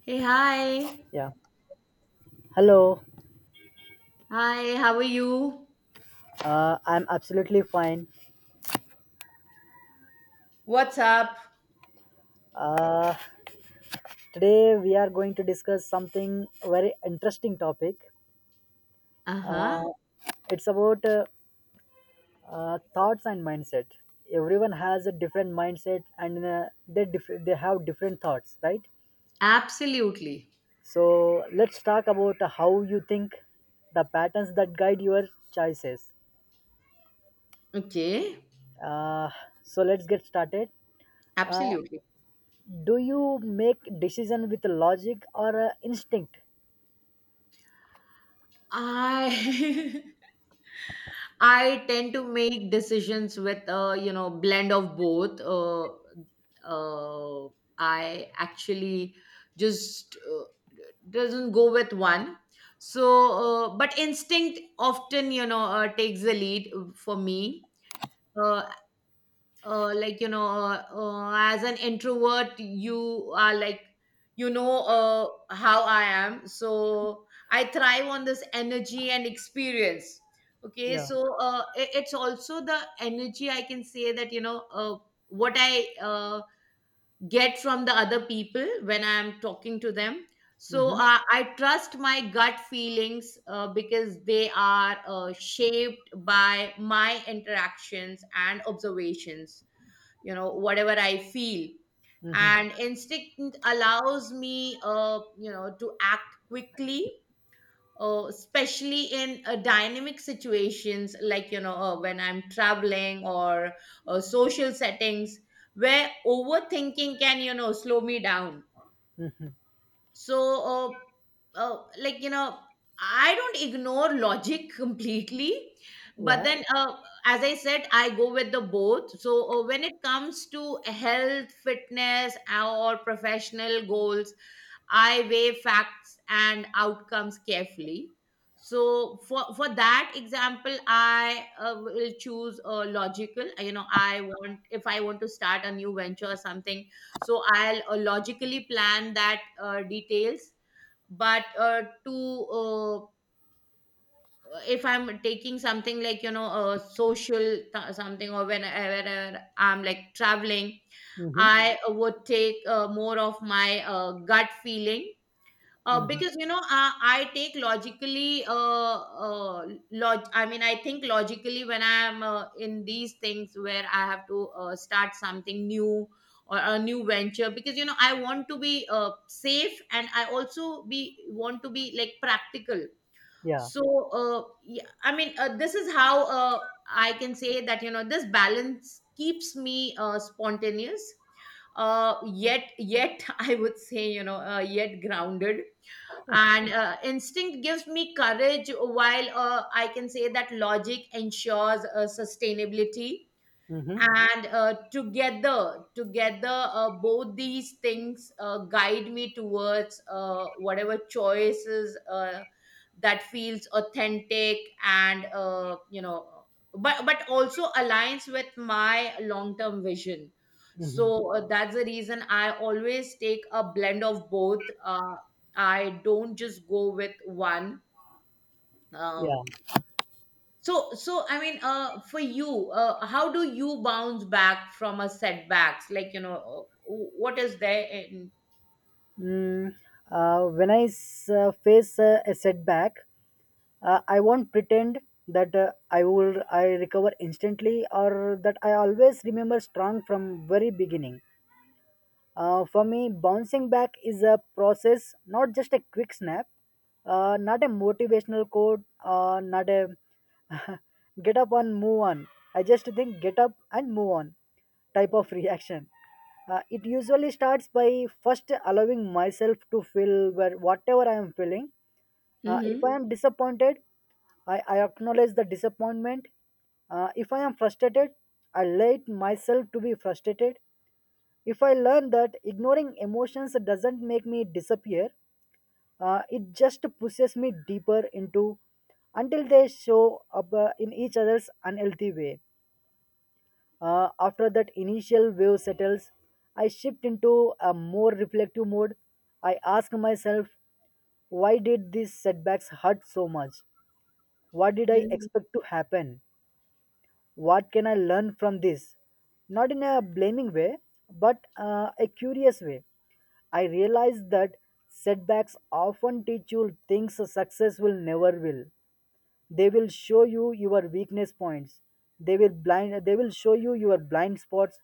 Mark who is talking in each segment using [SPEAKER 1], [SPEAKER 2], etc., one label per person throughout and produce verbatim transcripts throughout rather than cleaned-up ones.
[SPEAKER 1] Hey, hi.
[SPEAKER 2] Yeah. Hello.
[SPEAKER 1] Hi, how are you?
[SPEAKER 2] Uh, I'm absolutely fine.
[SPEAKER 1] What's up?
[SPEAKER 2] Uh, today we are going to discuss something very interesting topic.
[SPEAKER 1] Uh-huh.
[SPEAKER 2] Uh, it's about uh, uh, thoughts and mindset. Everyone has a different mindset, and uh, they diff- they have different thoughts, right?
[SPEAKER 1] Absolutely.
[SPEAKER 2] So let's talk about how you think, the patterns that guide your choices.
[SPEAKER 1] Okay,
[SPEAKER 2] Uh, so let's get started. Uh,
[SPEAKER 1] absolutely.
[SPEAKER 2] do you make decision with logic or uh, instinct?
[SPEAKER 1] I I tend to make decisions with a, you know, blend of both. Uh, uh, I actually just uh, doesn't go with one. So, uh, but instinct often, you know, uh, takes the lead for me. Uh. Uh, like you know uh, uh, as an introvert you are like you know uh, how I am, so I thrive on this energy and experience. Okay,
[SPEAKER 2] Yeah.
[SPEAKER 1] so uh, i- it's also the energy, I can say that, you know, uh, what I uh, get from the other people when I'm talking to them. So
[SPEAKER 2] Mhm.
[SPEAKER 1] uh, I trust my gut feelings, uh, because they are uh, shaped by my interactions and observations, you know, whatever I feel.
[SPEAKER 2] Mhm.
[SPEAKER 1] And instinct allows me, uh you know, to act quickly, uh, especially in uh, dynamic situations, like you know, uh, when I'm traveling or uh, social settings, where overthinking can, you know, slow me down. So uh, uh, like you know, I don't ignore logic completely, but
[SPEAKER 2] Yeah.
[SPEAKER 1] then, uh, as I said, I go with the both. So uh, when it comes to health, fitness, or professional goals, I weigh facts and outcomes carefully. So for for that example, I uh, will choose a logical. You know, I want if I want to start a new venture or something, so I'll uh, logically plan that uh, details. But uh, to uh, if I'm taking something like you know, a social th- something, or whenever I'm like traveling,
[SPEAKER 2] Mhm.
[SPEAKER 1] I would take uh, more of my uh, gut feeling, uh,
[SPEAKER 2] Mhm.
[SPEAKER 1] because you know, I, I take logically uh, uh log- I mean, I think logically when I am uh, in these things where I have to uh, start something new, or a new venture, because you know, I want to be uh, safe, and I also be want to be like practical.
[SPEAKER 2] Yeah.
[SPEAKER 1] So uh, yeah, I mean, uh, this is how uh, I can say that, you know, this balance keeps me uh, spontaneous, uh, yet yet I would say, you know, uh, yet grounded. And uh, instinct gives me courage, while uh, I can say that logic ensures uh, sustainability.
[SPEAKER 2] Mhm.
[SPEAKER 1] And uh, together together uh, both these things uh, guide me towards uh, whatever choices uh, that feels authentic, and uh, you know, but but also aligns with my long term vision. So uh, that's the reason I always take a blend of both. uh, I don't just go with one. Um
[SPEAKER 2] Yeah.
[SPEAKER 1] so, so I mean, uh, for you, uh, how do you bounce back from a setbacks? Like, you know, uh, what is there in?
[SPEAKER 2] Mm, uh, when I s- uh, face uh, a setback, uh, I won't pretend that uh, I will I recover instantly or that I always remember strong from very beginning. Uh, for me, bouncing back is a process, not just a quick snap, uh, not a motivational quote, uh, not a get up and move on. I just think get up and move on type of reaction. Uh, it usually starts by first allowing myself to feel where whatever I am feeling. Uh, if I
[SPEAKER 1] Mhm.
[SPEAKER 2] am disappointed, I, I acknowledge the disappointment. Uh, if I am frustrated, I let myself to be frustrated. If I learn that ignoring emotions doesn't make me disappear, uh, it just pushes me deeper into until they show up uh, in each other's unhealthy way. Uh, after that initial wave settles, I shift into a more reflective mode. I ask myself, why did these setbacks hurt so much? What did I
[SPEAKER 1] Mhm.
[SPEAKER 2] expect to happen? What can I learn from this? Not in a blaming way, but uh, a curious way. I realize that setbacks often teach you things success will never will. They will show you your weakness points. They will blind they will show you your blind spots,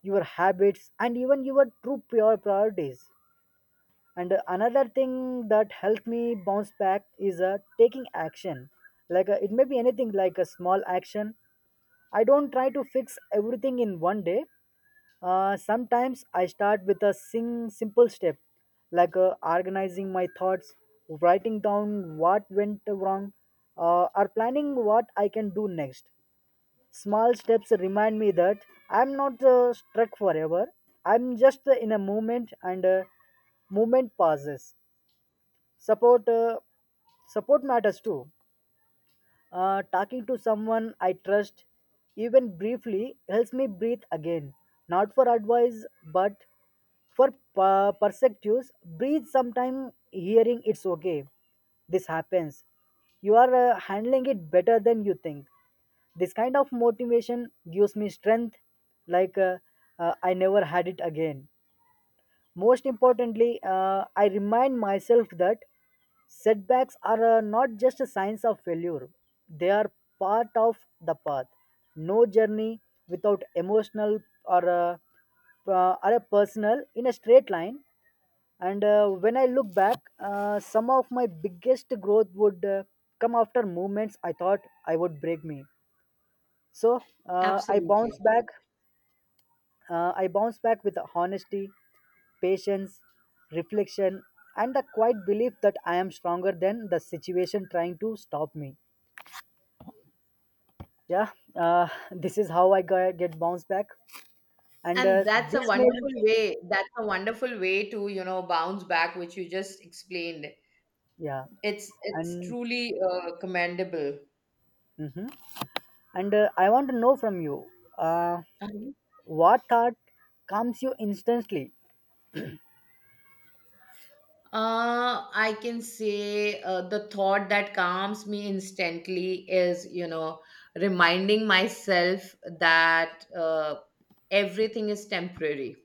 [SPEAKER 2] your habits and even your true pure priorities. And another thing that helped me bounce back is uh, taking action, like uh, it may be anything, like a small action. I don't try to fix everything in one day. uh, sometimes I start with a sing simple step, like uh, organizing my thoughts, writing down what went wrong, uh, or planning what I can do next. Small steps remind me that I'm not uh, stuck forever. I'm just in a moment and uh, movement passes. Support, uh, support matters too. Uh, talking to someone I trust, even briefly, helps me breathe again. Not for advice, but for uh, perspectives. Breathe sometime, hearing it's okay. This happens. You are uh, handling it better than you think. This kind of motivation gives me strength, like uh, uh, I never had it again. Most importantly, uh, I remind myself that setbacks are uh, not just a signs of failure. They are part of the path. No journey without emotional or uh, uh, are a personal in a straight line. And uh, when I look back, uh, some of my biggest growth would uh, come after moments I thought I would break me. So uh, I bounce
[SPEAKER 1] Absolutely.
[SPEAKER 2] back. Uh, I bounce back with honesty, patience, reflection, and the quiet belief that I am stronger than the situation trying to stop me. Yeah, uh, this is how I got, get bounced back, and
[SPEAKER 1] And
[SPEAKER 2] uh,
[SPEAKER 1] that's a
[SPEAKER 2] this may
[SPEAKER 1] wonderful way. That's a wonderful way to, you know, bounce back, which you just explained.
[SPEAKER 2] yeah,
[SPEAKER 1] It's it's
[SPEAKER 2] and
[SPEAKER 1] truly uh, commendable.
[SPEAKER 2] mhm. And uh, I want to know from you, uh, what thought comes you instantly?
[SPEAKER 1] Uh, I can say uh, the thought that calms me instantly is, you know, reminding myself that uh, everything is temporary.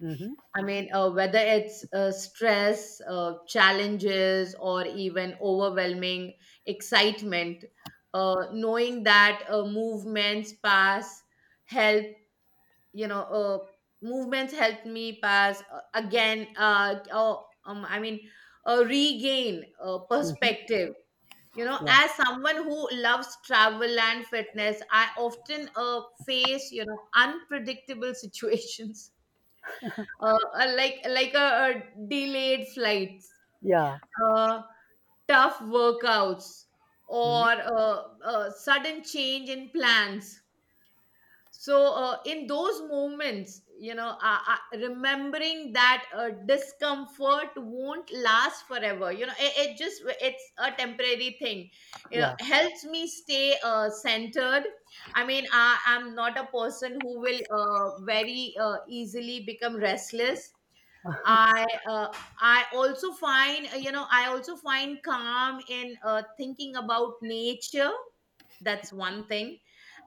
[SPEAKER 2] Mm-hmm.
[SPEAKER 1] I mean, uh, whether it's uh, stress, uh, challenges, or even overwhelming excitement, uh, knowing that uh, movements pass, help, you know, uh, movements helped me pass uh, again uh, oh, um, I mean, uh, regain uh,
[SPEAKER 2] Mm-hmm.
[SPEAKER 1] perspective. You know,
[SPEAKER 2] Yeah.
[SPEAKER 1] as someone who loves travel and fitness, I often uh, face, you know, unpredictable situations, uh, uh, like like a, a delayed flights,
[SPEAKER 2] Yeah.
[SPEAKER 1] uh, tough workouts,
[SPEAKER 2] Mhm.
[SPEAKER 1] or uh, a sudden change in plans. So uh, in those moments, you know, uh, uh, remembering that uh, discomfort won't last forever, you know, it, it just it's a temporary thing, it
[SPEAKER 2] Yeah.
[SPEAKER 1] helps me stay uh, centered. I mean, I, I'm not a person who will uh, very uh, easily become restless. I uh, I also find, uh, you know, I also find calm in uh, thinking about nature. That's one thing.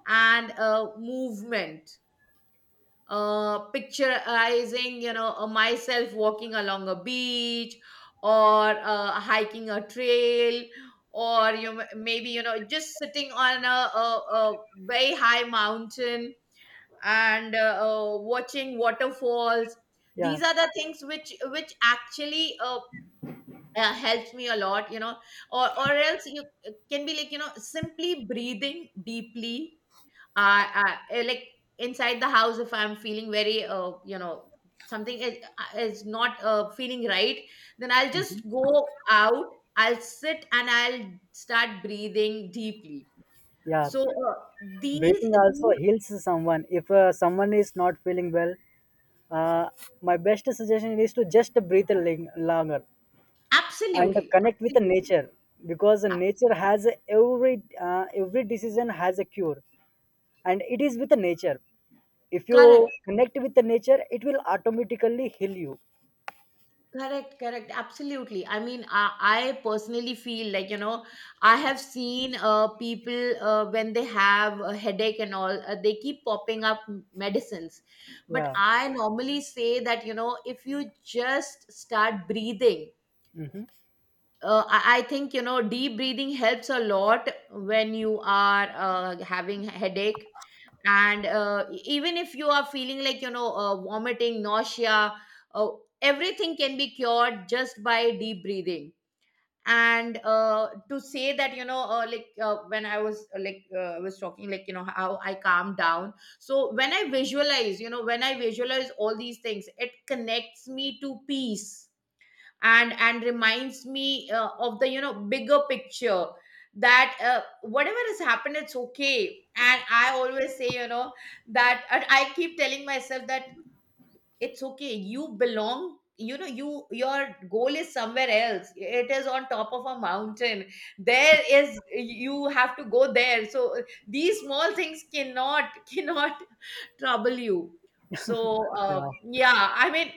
[SPEAKER 1] And uh, movement, uh, picturizing, you know, uh, myself walking along a beach, or uh, hiking a trail, or you know, maybe you know, just sitting on a, a, a very high mountain, and uh, uh, watching waterfalls.
[SPEAKER 2] Yeah.
[SPEAKER 1] These are the things which which actually uh, uh, helps me a lot, you know. Or or else, you, it can be like you know, simply breathing deeply, uh, uh eh, like inside the house, if I'm feeling very, uh, you know, something is, is not uh, feeling right, then I'll just go out, I'll sit, and I'll start breathing deeply.
[SPEAKER 2] Yeah.
[SPEAKER 1] So uh, these,
[SPEAKER 2] Breathing also
[SPEAKER 1] these
[SPEAKER 2] heals someone if uh, someone is not feeling well. uh, my best suggestion is to just breathe a ling- longer and
[SPEAKER 1] absolutely,
[SPEAKER 2] connect with the
[SPEAKER 1] absolutely
[SPEAKER 2] nature, because
[SPEAKER 1] absolutely
[SPEAKER 2] nature has every uh, every decision has a cure, and it is with the nature. If you
[SPEAKER 1] correct.
[SPEAKER 2] connect with the nature, it will automatically heal you.
[SPEAKER 1] Correct, correct, absolutely. I mean, I, I personally feel like, you know, I have seen uh, people uh, when they have a headache and all, uh, they keep popping up m- medicines. But
[SPEAKER 2] Yeah.
[SPEAKER 1] I normally say that, you know, if you just start breathing,
[SPEAKER 2] Hmm.
[SPEAKER 1] uh, I, I think, you know, deep breathing helps a lot when you are uh, having headache. And uh, e- even if you are feeling like you know, uh, vomiting nausea, uh, everything can be cured just by deep breathing. And uh, to say that, you know, uh, like uh, when I was uh, like uh, I was talking like you know, how I calm down, so when I visualize, you know, when I visualize all these things, it connects me to peace, and and reminds me, uh, of the, you know, bigger picture, that uh, whatever has happened, it's okay. And I always say, you know, that, and I keep telling myself that, it's okay, you belong, you know, you your goal is somewhere else, it is on top of a mountain, there is you have to go there. So uh, these small things cannot cannot trouble you. So uh,
[SPEAKER 2] Yeah.
[SPEAKER 1] yeah, I mean,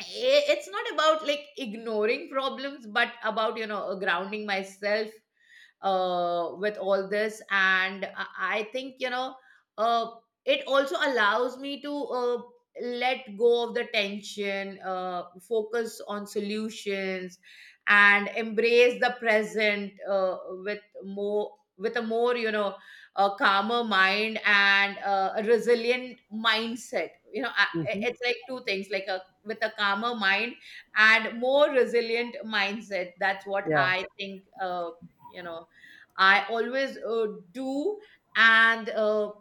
[SPEAKER 1] i- it's not about like ignoring problems, but about you know, uh, grounding myself uh, with all this. And I I think, you know, uh, it also allows me to uh, let go of the tension, uh, focus on solutions, and embrace the present uh, with more with a more, you know, a calmer mind, and uh, a resilient mindset. You know, I,
[SPEAKER 2] Hmm.
[SPEAKER 1] it's like two things, like a with a calmer mind and more resilient mindset, that's what
[SPEAKER 2] Yeah.
[SPEAKER 1] I think, uh, you know, I always uh, do. And uh,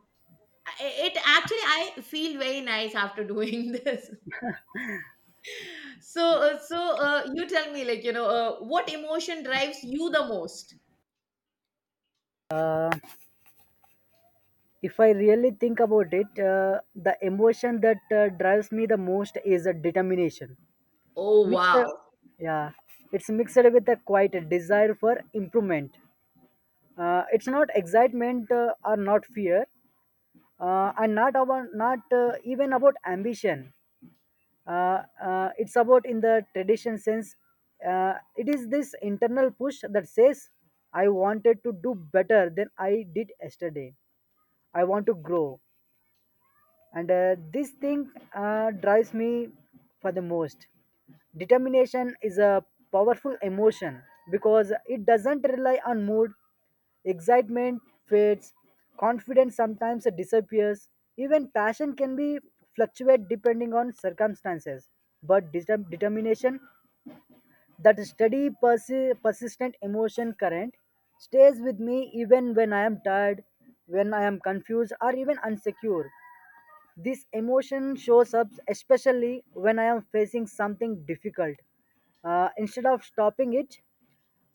[SPEAKER 1] it actually, I feel very nice after doing this. So, uh, so uh, you tell me, like you know, uh, what emotion drives you the most?
[SPEAKER 2] uh, if I really think about it, uh, the emotion that uh, drives me the most is a determination
[SPEAKER 1] Oh
[SPEAKER 2] mixed.
[SPEAKER 1] wow,
[SPEAKER 2] Yeah, it's mixed with a quite desire for improvement. uh, it's not excitement uh, or not fear, uh, and not about not uh, even about ambition. uh, uh, it's about in the tradition sense. uh, it is this internal push that says I wanted to do better than I did yesterday. I want to grow, and uh, this thing uh, drives me for the most. Determination is a powerful emotion because it doesn't rely on mood. Excitement fades, confidence sometimes disappears. Even passion can be fluctuate depending on circumstances. But deter- determination, that steady, persi- persistent emotion current, stays with me even when I am tired, when I am confused, or even insecure. This emotion shows up especially when I am facing something difficult. Uh, instead of stopping it,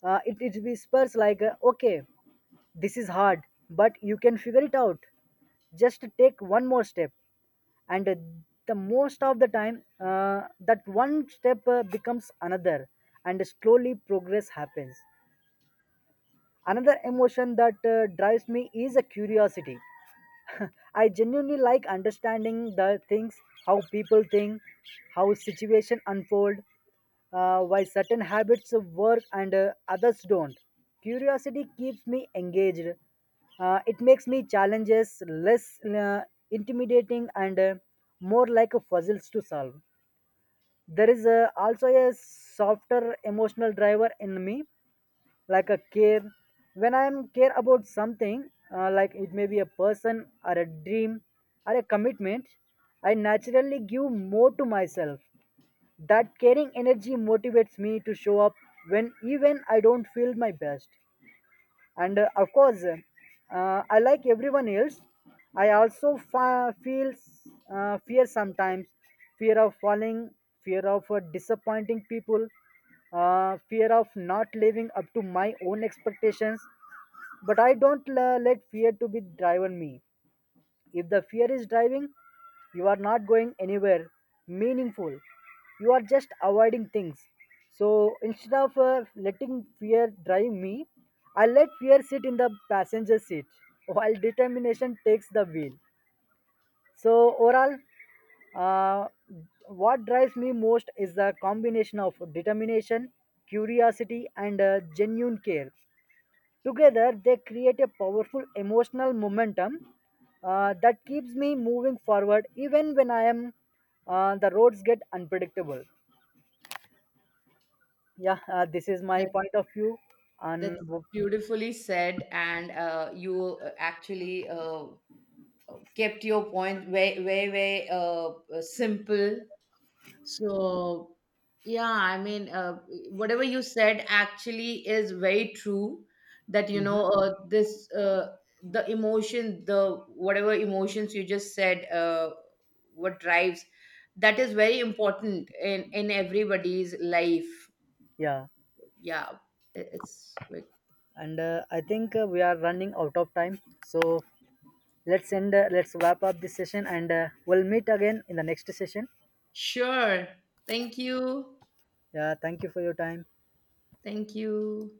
[SPEAKER 2] uh, it, it whispers like, uh, okay, this is hard, but you can figure it out. Just take one more step. And uh, the most of the time, uh, that one step uh, becomes another, and slowly progress happens. Another emotion that uh, drives me is a curiosity. I genuinely like understanding the things, how people think, how situation unfold, uh, why certain habits work and uh, others don't. Curiosity keeps me engaged. Uh, it makes me challenges less uh, intimidating and uh, more like a puzzles to solve. There is uh, also a softer emotional driver in me like a care. When I am care about something, uh, like it may be a person or a dream or a commitment, I naturally give more to myself. That caring energy motivates me to show up when even I don't feel my best. And uh, of course uh, I, like everyone else, I also fa- feel uh, fear sometimes. Fear of falling, fear of uh, disappointing people, uh, fear of not living up to my own expectations. But I don't uh, let fear to be driven me. If the fear is driving, you are not going anywhere meaningful. You are just avoiding things. So instead of uh, letting fear drive me, I let fear sit in the passenger seat while determination takes the wheel. So overall, uh, what drives me most is the combination of determination, curiosity, and uh, genuine care. Together, they create a powerful emotional momentum uh, that keeps me moving forward even when I am uh, the roads get unpredictable. Yeah, uh, this is my
[SPEAKER 1] that
[SPEAKER 2] point of view. And
[SPEAKER 1] that's beautifully said. And uh, you uh, actually uh, kept your point very very very uh, uh, simple. So, yeah, I mean, uh, whatever you said actually is very true, that, you know, uh, this, uh, the emotion, the whatever emotions you just said, uh, what drives, that is very important in, in everybody's life.
[SPEAKER 2] yeah,
[SPEAKER 1] Yeah, it- it's like,
[SPEAKER 2] and uh, I think uh, we are running out of time. So let's end, uh, let's wrap up this session and uh, we'll meet again in the next session.
[SPEAKER 1] sure. Thank you.
[SPEAKER 2] Yeah, thank you for your time.
[SPEAKER 1] Thank you.